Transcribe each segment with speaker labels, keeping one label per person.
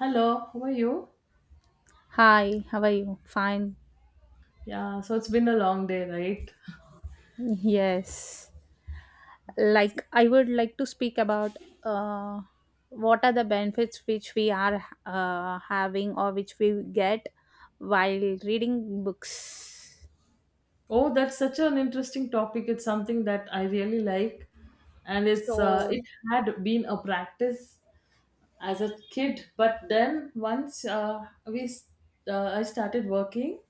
Speaker 1: Hello, how are you?
Speaker 2: Hi, how are you? Fine.
Speaker 1: Yeah, so it's been a long day, right?
Speaker 2: Yes. I would like to speak about uh, what are the benefits which we are having or which we get while reading books.
Speaker 1: Oh, that's such an interesting topic. It's something that I really like, and it's
Speaker 2: So
Speaker 1: it had been a practice as a kid, but then once I started working,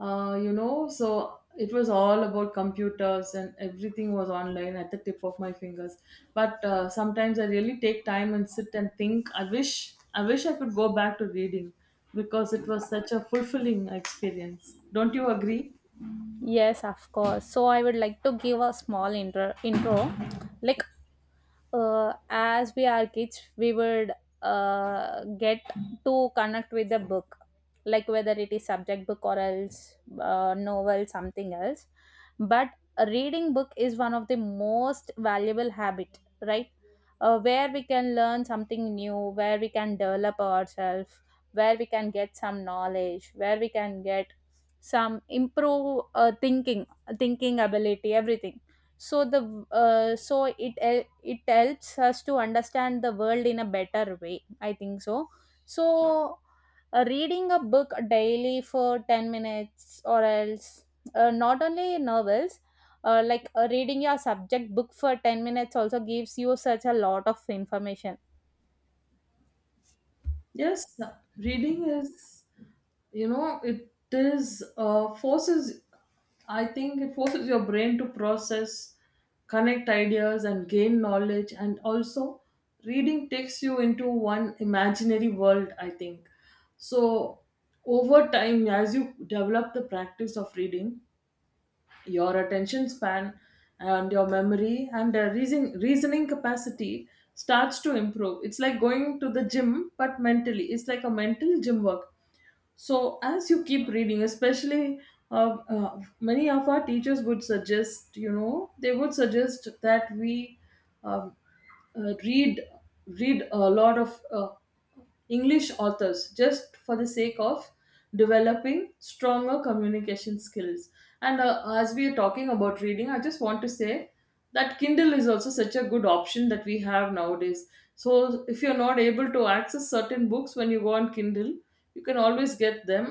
Speaker 1: so it was all about computers and everything was online at the tip of my fingers but sometimes I really take time and sit and think, I wish I wish I could go back to reading because it was such a fulfilling experience. Don't you agree?
Speaker 2: yes, of course. So I would like to give a small intro. Intro. Like as we are kids we would get to connect with the book, like whether it is subject book or else novel, something else. But a reading book is one of the most valuable habit, right? Where we can learn something new, where we can develop ourselves, where we can get some knowledge, where we can get some improve thinking, thinking ability, everything. So the so it helps us to understand the world in a better way, I think so. So reading a book daily for 10 minutes or else not only novels, reading your subject book for 10 minutes also gives you such a lot of information.
Speaker 1: Yes, reading is, it is forces. I think it forces your brain to process, connect ideas, and gain knowledge. And also, reading takes you into one imaginary world, I think so. Over time, as you develop the practice of reading, your attention span and your memory and reasoning capacity starts to improve. It's like going to the gym, but mentally. It's like a mental gym work. So, as you keep reading, especially many of our teachers would suggest, you know, they would suggest that we um, uh, read read a lot of English authors just for the sake of developing stronger communication skills. And as we are talking about reading, I just want to say that Kindle is also such a good option that we have nowadays. So if you're not able to access certain books, when you go on Kindle, you can always get them.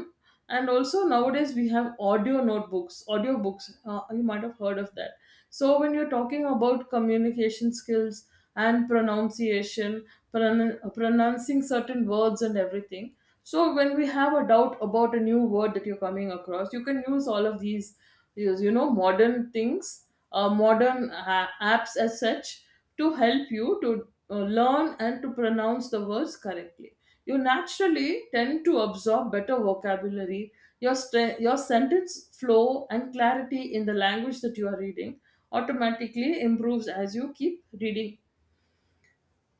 Speaker 1: And also nowadays we have audio notebooks, audio books, you might have heard of that. So when you're talking about communication skills and pronunciation, pronouncing certain words and everything, so when we have a doubt about a new word that you're coming across, you can use all of these, use, you know, modern things, modern apps as such, to help you to learn and to pronounce the words correctly. You naturally tend to absorb better vocabulary. Your, your sentence flow and clarity in the language that you are reading automatically improves as you keep reading.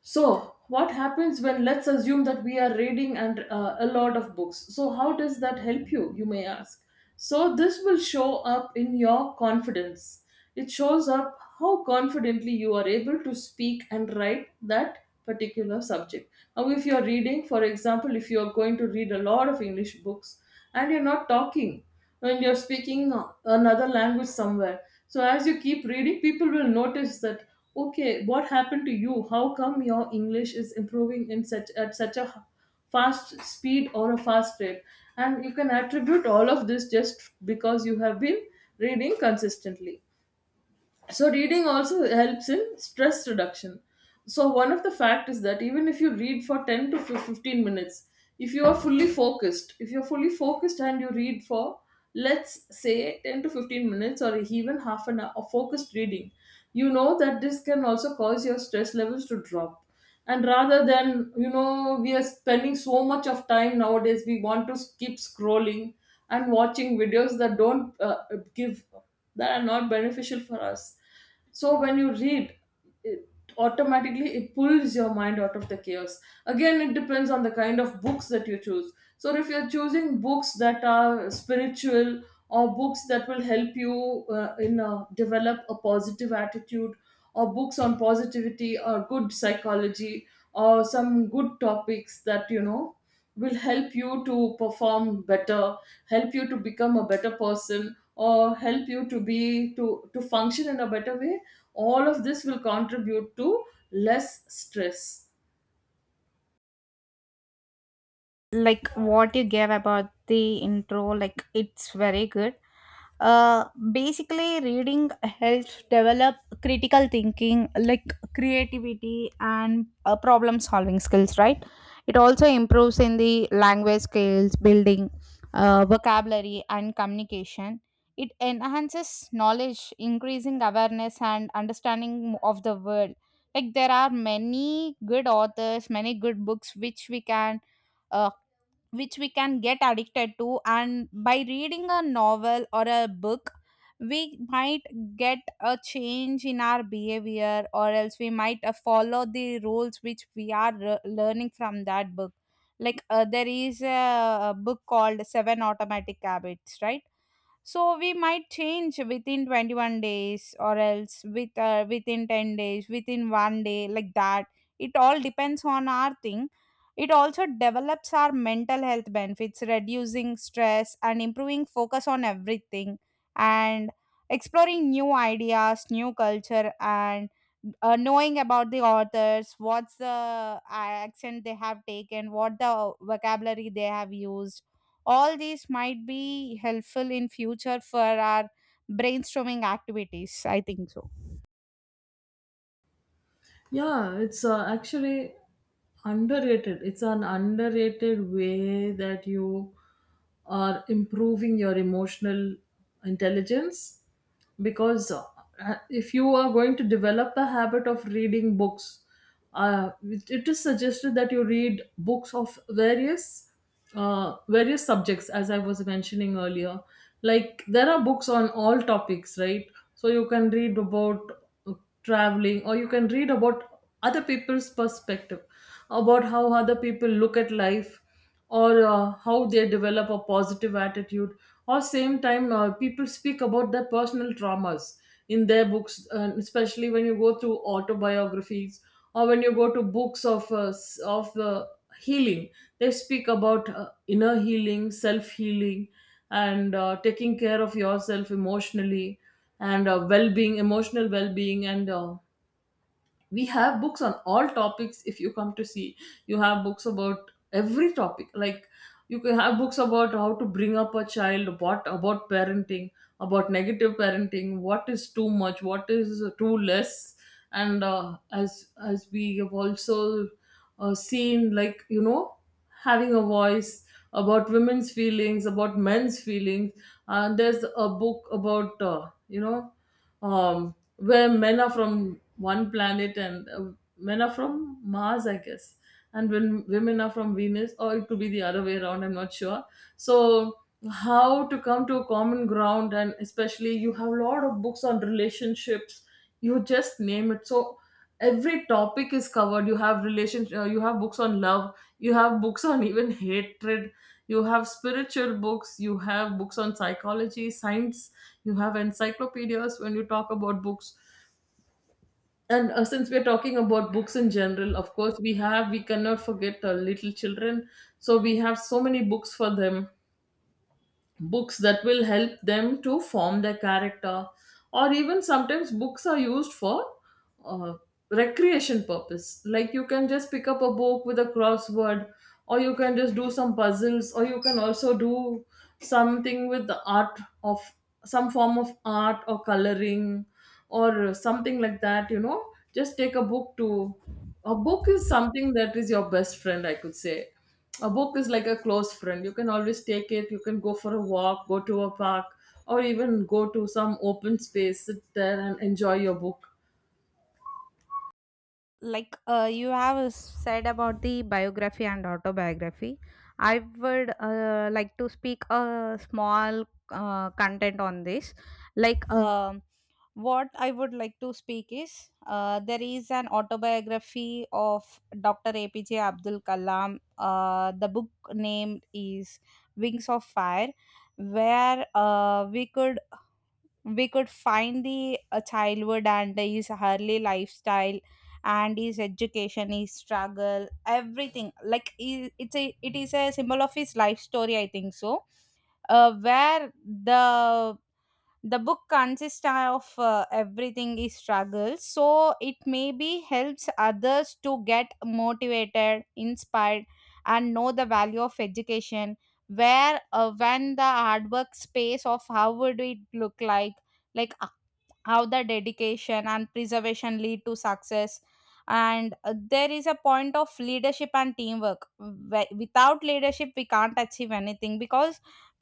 Speaker 1: So, what happens when, let's assume that we are reading and a lot of books? So, how does that help you? You may ask. So, this will show up in your confidence. It shows up how confidently you are able to speak and write that particular subject. Now, if you are reading, for example, if you are going to read a lot of English books and you're not talking, when you're speaking another language somewhere, so as you keep reading, people will notice that, okay, what happened to you? How come your English is improving in such, at such a fast speed or a fast rate? And you can attribute all of this just because you have been reading consistently. So reading also helps in stress reduction. So one of the fact is that even if you read for 10 to 15 minutes, if you are fully focused, if you're fully focused and you read for, let's say, 10 to 15 minutes, or even half an hour of focused reading, you know that this can also cause your stress levels to drop. And rather than, you know, we are spending so much of time nowadays, we want to keep scrolling and watching videos that don't give that are not beneficial for us. So when you read, it automatically, it pulls your mind out of the chaos. Again, it depends on the kind of books that you choose. So if you're choosing books that are spiritual, or books that will help you in develop a positive attitude, or books on positivity or good psychology, or some good topics that, you know, will help you to perform better, help you to become a better person, or help you to be, to function in a better way, all of this will contribute to less stress.
Speaker 2: Like what you gave about the intro, like it's very good. uh Basically, reading helps develop critical thinking, like creativity and problem solving skills, right? It also improves in the language skills, building vocabulary and communication. It enhances knowledge, increasing awareness and understanding of the world. Like there are many good authors, many good books which we can uh, get addicted to, and by reading a novel or a book we might get a change in our behavior, or else we might follow the rules which we are learning from that book. Like a book called seven automatic habits, right? So we might change within 21 days, or else within 10 days, within one day, like that. It all depends on our thing. It also develops our mental health benefits, reducing stress and improving focus on everything. And exploring new ideas, new culture, and knowing about the authors, what's the accent they have taken, what the vocabulary they have used. All these might be helpful in future for our brainstorming activities, I think so.
Speaker 1: Yeah, it's actually underrated. It's an underrated way that you are improving your emotional intelligence, because if you are going to develop a habit of reading books, it is suggested that you read books of various various subjects, as I was mentioning earlier. Like there are books on all topics, right? So you can read about traveling, or you can read about other people's perspective, about how other people look at life, or how they develop a positive attitude, or same time, people speak about their personal traumas in their books, and especially when you go through autobiographies, or when you go to books of healing, they speak about inner healing, self healing, and taking care of yourself emotionally, and well-being, emotional well-being. And we have books on all topics, if you come to see. You have books about every topic. Like you can have books about how to bring up a child, what about parenting, about negative parenting, what is too much, what is too less. And as we have also seen, like, you know, having a voice about women's feelings, about men's feelings. There's a book about, um, where men are from one planet, and men are from Mars, I guess, and when women are from Venus, or it could be the other way around, I'm not sure. So, how to come to a common ground, and especially you have a lot of books on relationships, you just name it. So, every topic is covered. You have relation, you have books on love, you have books on even hatred, you have spiritual books, you have books on psychology, science, you have encyclopedias when you talk about books. And since we are talking about books in general, of course, we cannot forget little children, so we have so many books for them. Books that will help them to form their character, or even sometimes books are used for uh, recreation purpose. Like you can just pick up a book with a crossword, or you can just do some puzzles, or you can also do something with the art of, some form of art or coloring or something like that. You know, just take a book to a book is something that is your best friend, I could say. A book is like a close friend. You can always take it. You can go for a walk, go to a park, or even go to some open space, sit there and enjoy your book.
Speaker 2: Like you have said about the biography and autobiography, I would like to speak a small content on this. Like what I would like to speak is there is an autobiography of Dr. APJ Abdul Kalam. The book named is Wings of Fire, where we could find the childhood and his early lifestyle, and his education, his struggle, everything. Like it is a symbol of his life story, I think so. Where the book consists of everything is struggle, so it maybe helps others to get motivated, inspired, and know the value of education, where when the hard work space of how would it look like how the dedication and preservation lead to success. And there is a point of leadership and teamwork. Without leadership we can't achieve anything because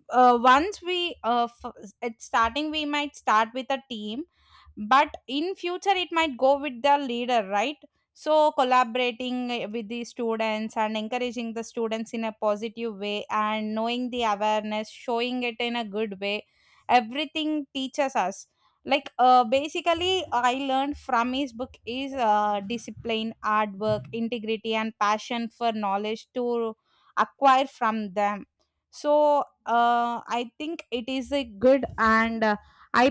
Speaker 2: uh, once we uh, f- at starting we might start with a team, but in future it might go with the leader, right? So collaborating with the students and encouraging the students in a positive way, and knowing the awareness, showing it in a good way, everything teaches us. Like basically I learned from his book is discipline, hard work, integrity and passion for knowledge to acquire from them. So I think it is a good, and i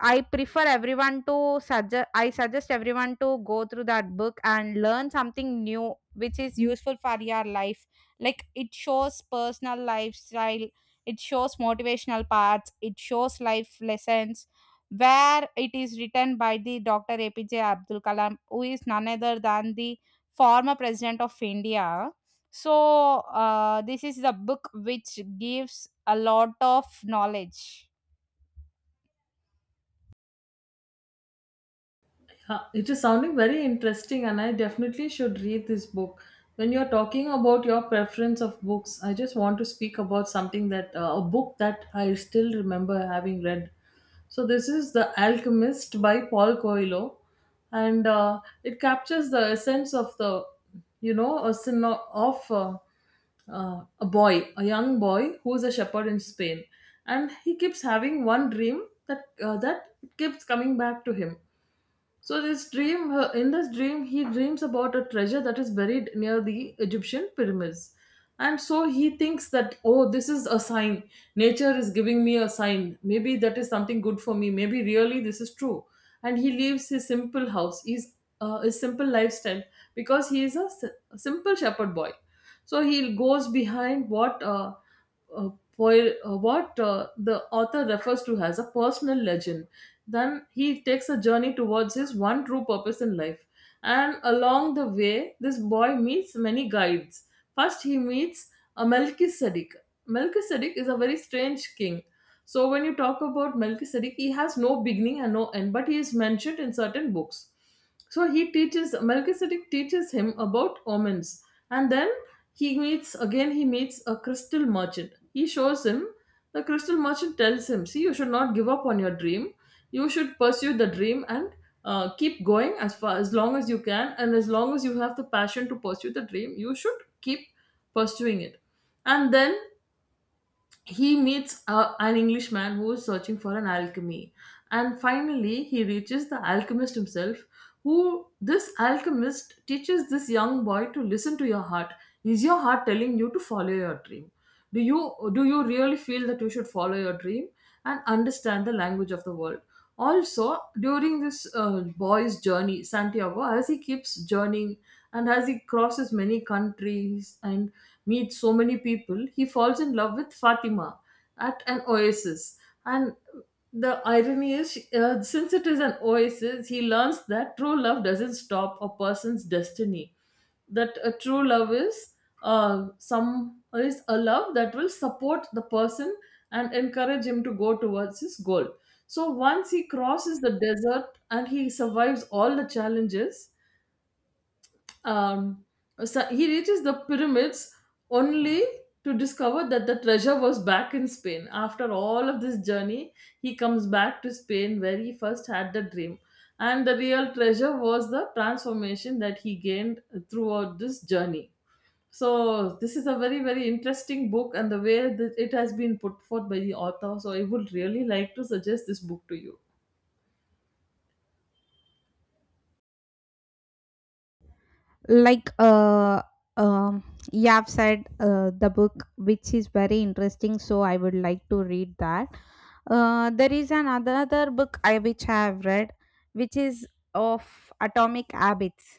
Speaker 2: I suggest everyone to go through that book and learn something new which is useful for your life. Like it shows personal lifestyle, it shows motivational parts, it shows life lessons, where it is written by the Dr. APJ Abdul Kalam, who is none other than the former president of India. So this is the book which gives a lot of knowledge.
Speaker 1: Huh, it is sounding very interesting, and I definitely should read this book. When you're talking about your preference of books, I just want to speak about something that, a book that I still remember having read. So, this is The Alchemist by Paul Coelho, and it captures the essence of the, you know, a syno- of a boy, a young boy who is a shepherd in Spain, and he keeps having one dream, that keeps coming back to him. So this dream, in this dream, he dreams about a treasure that is buried near the Egyptian pyramids, and so he thinks that, oh, this is a sign. Nature is giving me a sign. Maybe that is something good for me. Maybe really this is true. And he leaves his simple house, his simple lifestyle, because he is a simple shepherd boy. So he goes behind uh, what the author refers to as a personal legend. Then he takes a journey towards his one true purpose in life. And along the way, this boy meets many guides. First, he meets a Melchizedek. Melchizedek is a very strange king. So, when you talk about Melchizedek, he has no beginning and no end, but he is mentioned in certain books. So he teaches, Melchizedek teaches him about omens. And then he meets again. He meets a crystal merchant. He shows him, the crystal merchant tells him, "See, you should not give up on your dream. You should pursue the dream, and keep going as far, as long as you can, and as long as you have the passion to pursue the dream, you should keep pursuing it." And then he meets a, an Englishman who is searching for an alchemy, and finally he reaches the alchemist himself. Who, this alchemist teaches this young boy to listen to your heart. Is your heart telling you to follow your dream? Do you do you really feel that you should follow your dream and understand the language of the world? Also, during this boy's journey, Santiago, as he keeps journeying and as he crosses many countries and meets so many people, he falls in love with Fatima at an oasis. And the irony is, since it is an oasis, he learns that true love doesn't stop a person's destiny. That a true love is some is a love that will support the person and encourage him to go towards his goal. So once he crosses the desert and he survives all the challenges, um, so he reaches the pyramids only to discover that the treasure was back in Spain. After all of this journey, he comes back to Spain where he first had the dream. And the real treasure was the transformation that he gained throughout this journey. So, this is a very, very interesting book, and the way that it has been put forth by the author. So, I would really like to suggest this book to you.
Speaker 2: like uh um you have said the book which is very interesting, so I would like to read that. There is another book I which I have read, which is of atomic habits.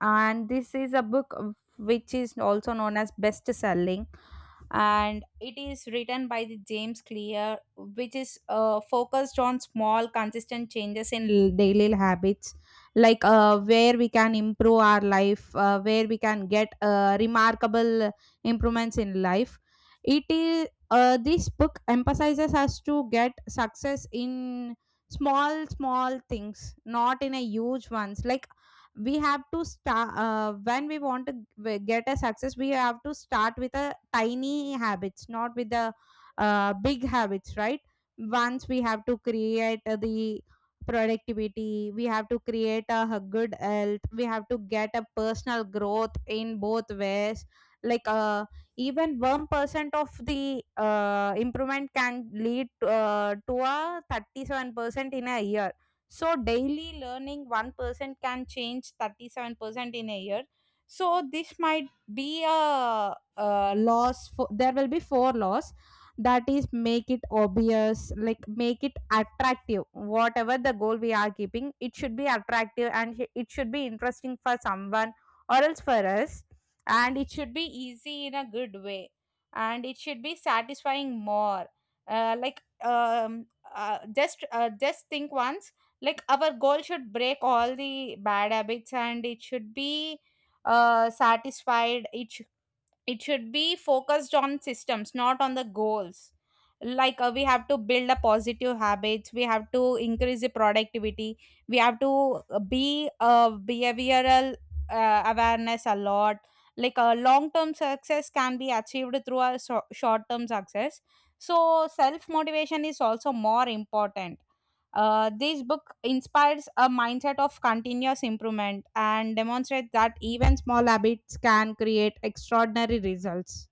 Speaker 2: And this is a book which is also known as best selling, and it is written by the James Clear, which is focused on small consistent changes in daily habits. Like where we can improve our life, where we can get remarkable improvements in life. It is This book emphasizes us to get success in small small things, not in a huge ones. Like we have to start when we want to get a success, we have to start with a tiny habits, not with the big habits, right? Once we have to create the productivity, we have to create a good health, we have to get a personal growth in both ways. Like even 1% of the improvement can lead to a 37% in a year. So daily learning 1% can change 37% in a year. So this might be a loss. For, there will be four laws. That is, make it obvious, like make it attractive. Whatever the goal we are keeping, it should be attractive and it should be interesting for someone or else for us. And it should be easy in a good way. And it should be satisfying more. Uh, like um, just think once, like our goal should break all the bad habits and it should be satisfied. It should be focused on systems, not on the goals. Like we have to build a positive habits, we have to increase the productivity, we have to be a behavioral awareness a lot. Like a long term success can be achieved through a short term success. So self motivation is also more important. This book inspires a mindset of continuous improvement and demonstrates that even small habits can create extraordinary results.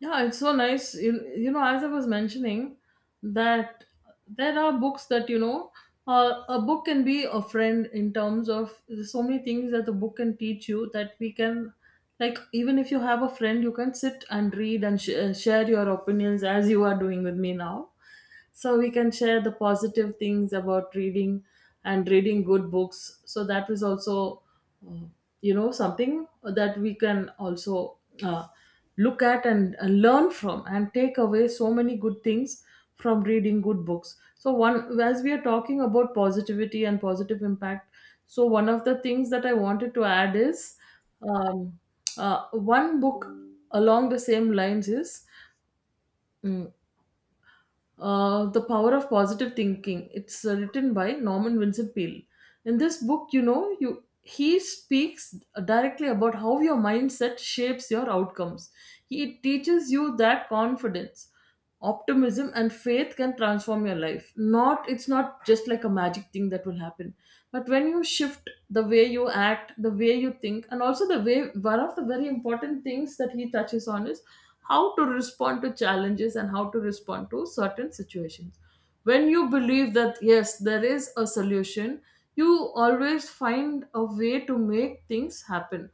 Speaker 1: Yeah, it's so nice. You know, as I was mentioning, that there are books that, you know, a book can be a friend in terms of there's so many things that the book can teach you that we can, like, even if you have a friend, you can sit and read and share your opinions as you are doing with me now. So we can share the positive things about reading and reading good books. So that is also, uh, you know, something that we can also look at and learn from and take away so many good things from reading good books. So one, as we are talking about positivity and positive impact, so one of the things that I wanted to add is um, one book along the same lines is Mm. The Power of Positive Thinking. It's written by Norman Vincent Peale. In this book, you know, you he speaks directly about how your mindset shapes your outcomes. He teaches you that confidence, optimism, and faith can transform your life. Not It's not just like a magic thing that will happen, but when you shift the way you act, the way you think, and also the way, one of the very important things that he touches on is how to respond to challenges and how to respond to certain situations. When you believe that yes, there is a solution, you always find a way to make things happen.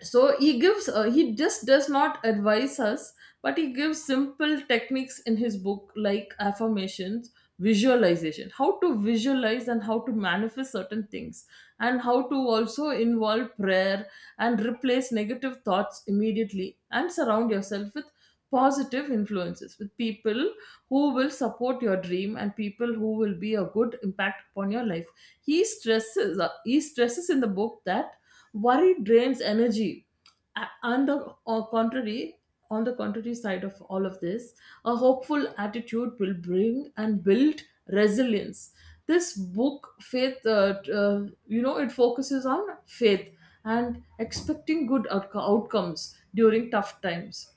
Speaker 1: So he gives he just does not advise us, but he gives simple techniques in his book, like affirmations, visualization, how to visualize and how to manifest certain things, and how to also involve prayer and replace negative thoughts immediately, and surround yourself with positive influences, with people who will support your dream, and people who will be a good impact upon your life. He stresses in the book that worry drains energy. A- and the on contrary On the contrary side of all of this, a hopeful attitude will bring and build resilience. This book faith t- You know, it focuses on faith and expecting outcomes during tough times.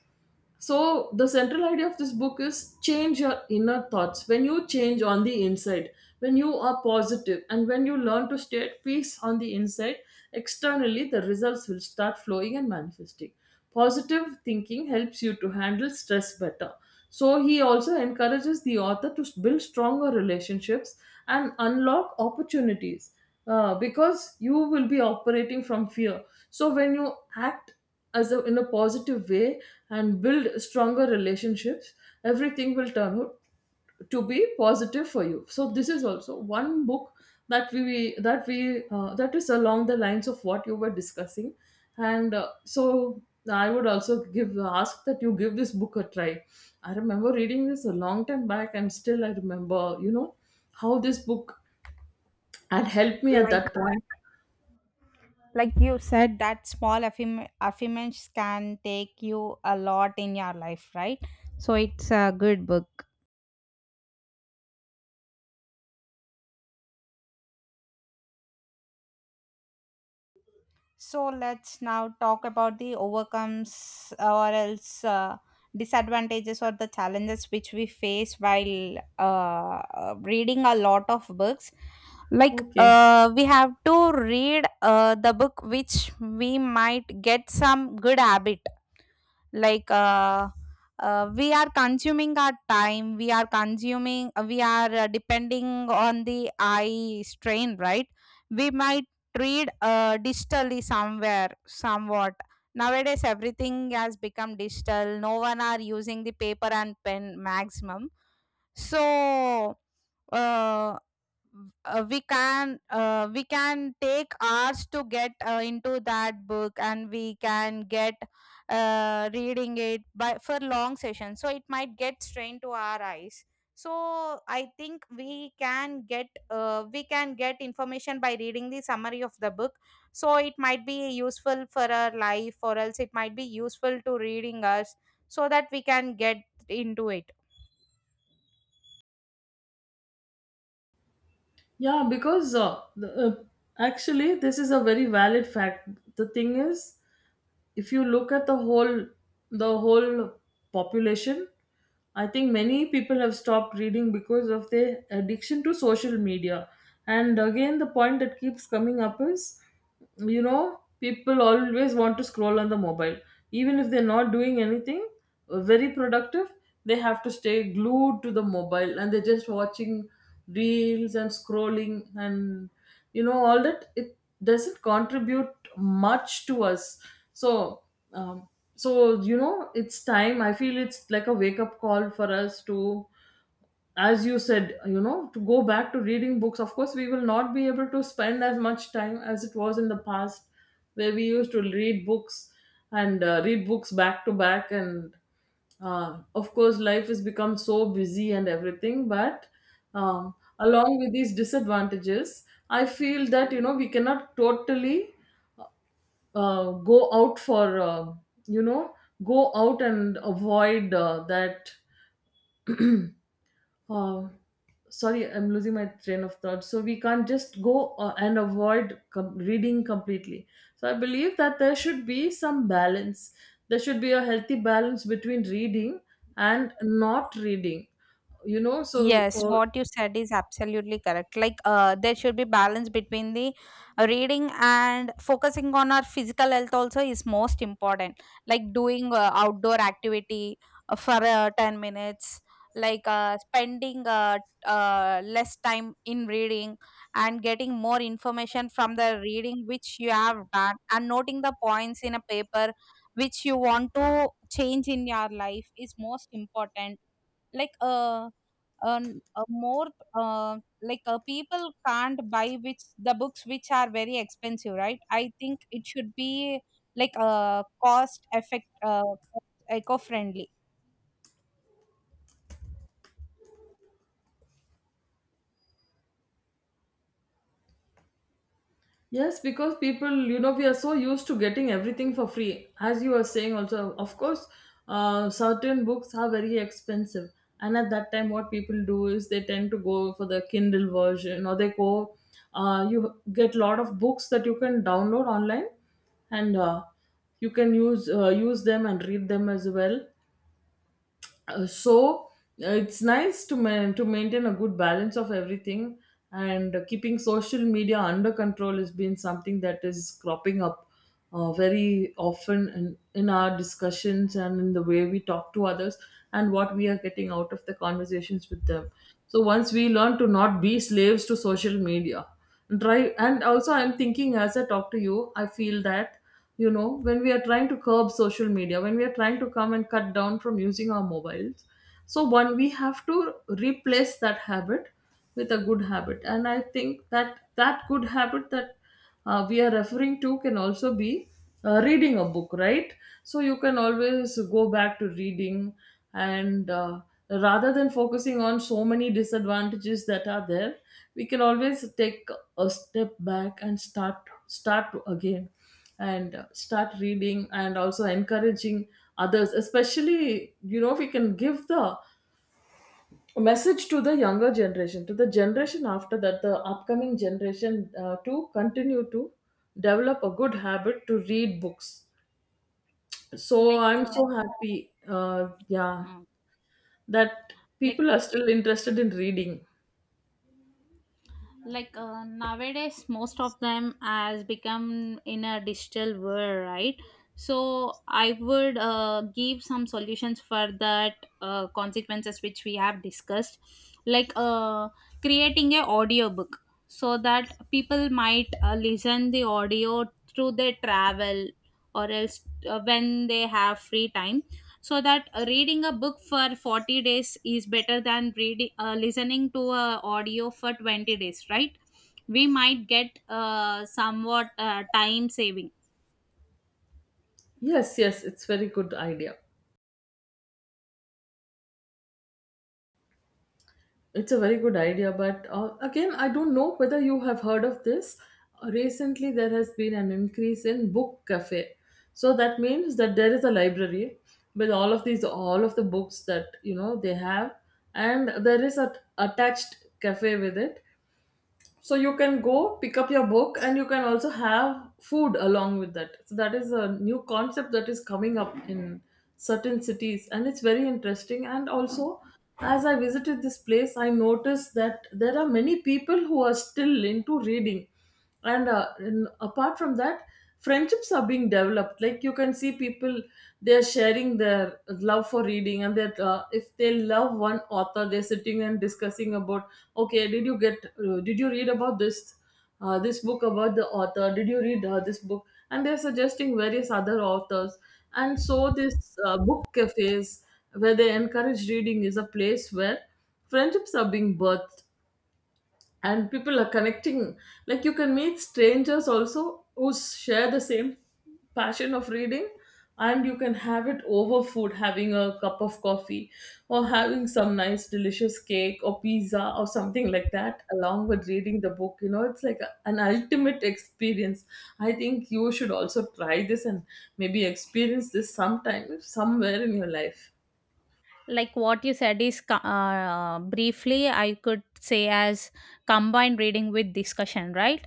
Speaker 1: So, the central idea of this book is change your inner thoughts. When you change on the inside, when you are positive, and when you learn to stay at peace on the inside, externally the results will start flowing and manifesting. Positive thinking helps you to handle stress better. So, he also encourages the author to build stronger relationships and unlock opportunities, because you will be operating from fear. So, when you act in a positive way and build stronger relationships, everything will turn out to be positive for you. So this is also one book that we that we that is along the lines of what you were discussing, and so I would also give ask that you give this book a try. I remember reading this a long time back, and still I remember, you know, how this book had helped me at
Speaker 2: Like,
Speaker 1: that point.
Speaker 2: like you said, that small affirmations can take you a lot in your life, right? So it's a good book. So let's now talk about the overcomes, or else disadvantages or the challenges which we face while reading a lot of books. Like
Speaker 1: Okay.
Speaker 2: we have to read the book which we might get some good habit. Like we are consuming our time, we are consuming, we are depending on the eye strain, right? We might read digitally somewhere somewhat. Nowadays everything has become digital, no one are using the paper and pen maximum. So uh, we can take hours to get into that book, and we can get reading it by for long sessions, so it might get strained to our eyes. So I think we can get information by reading the summary of the book, so it might be useful for our life or else it might be useful to reading us, so that we can get into it.
Speaker 1: Yeah, because actually, this is a very valid fact. The thing is, if you look at the whole population, I think many people have stopped reading because of their addiction to social media. And again, the point that keeps coming up is, you know, people always want to scroll on the mobile, even if they're not doing anything very productive. They have to stay glued to the mobile, and they're just watching reels and scrolling and, you know, all that. It doesn't contribute much to us. So um, so you know, it's time, I feel it's like a wake up call for us to, as you said, you know, to go back to reading books. Of course, we will not be able to spend as much time as it was in the past, where we used to read books and read books back to back. And of course, life has become so busy and everything. But along with these disadvantages, I feel that you know, we cannot totally go out for you know, go out and avoid that uh, sorry, I'm losing my train of thought. So we can't just go and avoid reading completely. So I believe that there should be some balance. There should be a healthy balance between reading and not reading. You know, so
Speaker 2: Yes,
Speaker 1: uh.
Speaker 2: what you said is absolutely correct. Like there should be balance between the reading, and focusing on our physical health also is most important. Like doing outdoor activity for 10 minutes, like spending less time in reading, and getting more information from the reading which you have done, and noting the points in a paper which you want to change in your life is most important. Like more like People can't buy which the books which are very expensive, right? I think it should be like cost effect, eco friendly.
Speaker 1: Yes, because people, you know, we are so used to getting everything for free. As you were saying, also, of course, certain books are very expensive. And at that time, what people do is they tend to go for the Kindle version, or they go, you get lot of books that you can download online, and you can use them and read them as well. uh, so it's nice to to maintain a good balance of everything. And keeping social media under control has been something that is cropping up very often in our discussions and in the way we talk to others, and what we are getting out of the conversations with them. So once we learn to not be slaves to social media drive. And also I'm thinking, as I talk to you, I feel that you know, when we are trying to curb social media, when we are trying to come and cut down from using our mobiles, so one, we have to replace that habit with a good habit. And I think that that good habit that we are referring to can also be reading a book, right? So you can always go back to reading, and rather than focusing on so many disadvantages that are there, we can always take a step back and start again, and start reading and also encouraging others, especially, you know, we can give the a message to the younger generation, to the generation after that, the upcoming generation, to continue to develop a good habit to read books. So
Speaker 2: like
Speaker 1: I'm so
Speaker 2: uh,
Speaker 1: happy, yeah,
Speaker 2: mm,
Speaker 1: that
Speaker 2: like
Speaker 1: people are still interested in reading.
Speaker 2: like nowadays most of them has become in a digital world, right? So I would give some solutions for that consequences which we have discussed. Like creating a audiobook, so that people might listen the audio through their travel, or else when they have free time. So that reading a book for 40 days is better than reading, listening to a audio for 20 days, right? We might get somewhat time saving.
Speaker 1: Yes, yes, it's very good idea. It's a very good idea, but again, I don't know whether you have heard of this. Recently, there has been an increase in book cafe. So that means that there is a library with all of the books that you know they have, and there is a attached cafe with it. So you can go pick up your book, and you can also have food along with that. So that is a new concept that is coming up in certain cities, and it's very interesting. And also, as I visited this place, I noticed that there are many people who are still into reading. And apart from that, friendships are being developed. Like you can see people, they're sharing their love for reading. And that, if they love one author, they're sitting and discussing about, okay, did you get, did you read about this book about the author, did you read this book, and they're suggesting various other authors. And so this, book cafes where they encourage reading is a place where friendships are being birthed and people are connecting. Like you can meet strangers also who share the same passion of reading, and you can have it over food, having a cup of coffee or having some nice delicious cake or pizza or something like that along with reading the book. You know, it's like an ultimate experience. I think you should also try this and maybe experience this sometime somewhere in your life.
Speaker 2: Like what you said is briefly I could say as combined reading with discussion, right?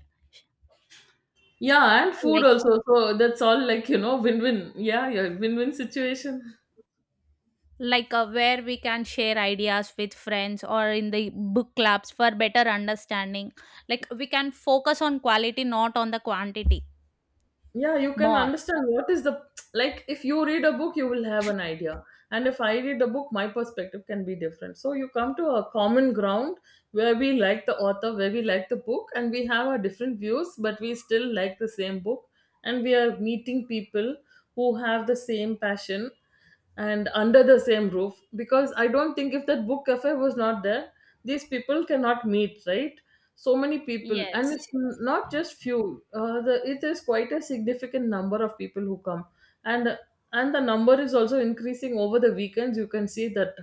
Speaker 1: Yeah, and food
Speaker 2: Like
Speaker 1: also, so that's all, like, you know, win-win. Yeah, yeah, win-win situation.
Speaker 2: where we can share ideas with friends or in the book clubs for better understanding. Like we can focus on quality, not on the quantity
Speaker 1: Yeah, you can
Speaker 2: more.
Speaker 1: understand what is the, like, if you read a book, you will have an idea, and if I read a book, my perspective can be different. So you come to a common ground where we like the author, where we like the book, and we have our different views, but we still like the same book. And we are meeting people who have the same passion and under the same roof, because I don't think if that book cafe was not there, these people cannot meet, right? So many people, and
Speaker 2: Yes.
Speaker 1: it's not just few, it is quite a significant number of people who come and and the number is also increasing. Over the weekends, you can see that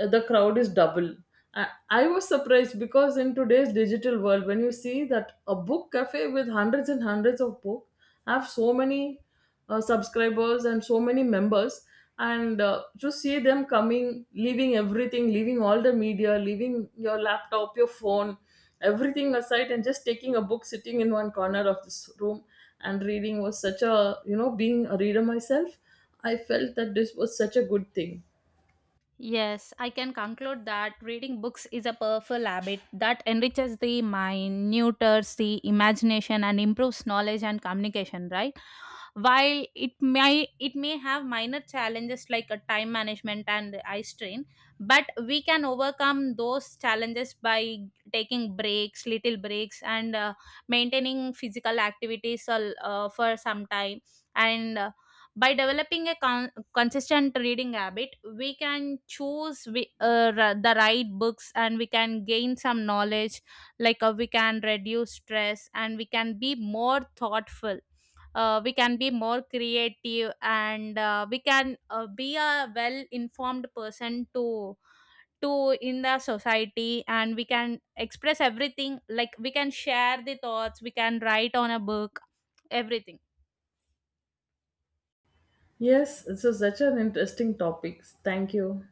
Speaker 1: the crowd is double. I was surprised because in today's digital world, when you see that a book cafe with hundreds and hundreds of books, I have so many subscribers and so many members, and to see them coming, leaving everything, leaving all the media, leaving your laptop, your phone, everything aside, and just taking a book, sitting in one corner of this room and reading, was such a, you know, being a reader myself, I felt that this was such a good thing.
Speaker 2: Yes, I can conclude that reading books is a powerful habit that enriches the mind, nurtures the imagination, and improves knowledge and communication, right? While it may have minor challenges like a time management and eye strain, but we can overcome those challenges by taking breaks, little breaks, and maintaining physical activities for some time. And by developing a consistent reading habit, we can choose the right books, and we can gain some knowledge. Like we can reduce stress and we can be more thoughtful. We can be more creative, and we can be a well informed person to in the society. And we can express everything, like we can share the thoughts, we can write on a book, everything.
Speaker 1: Yes, this is such an interesting topic. Thank you.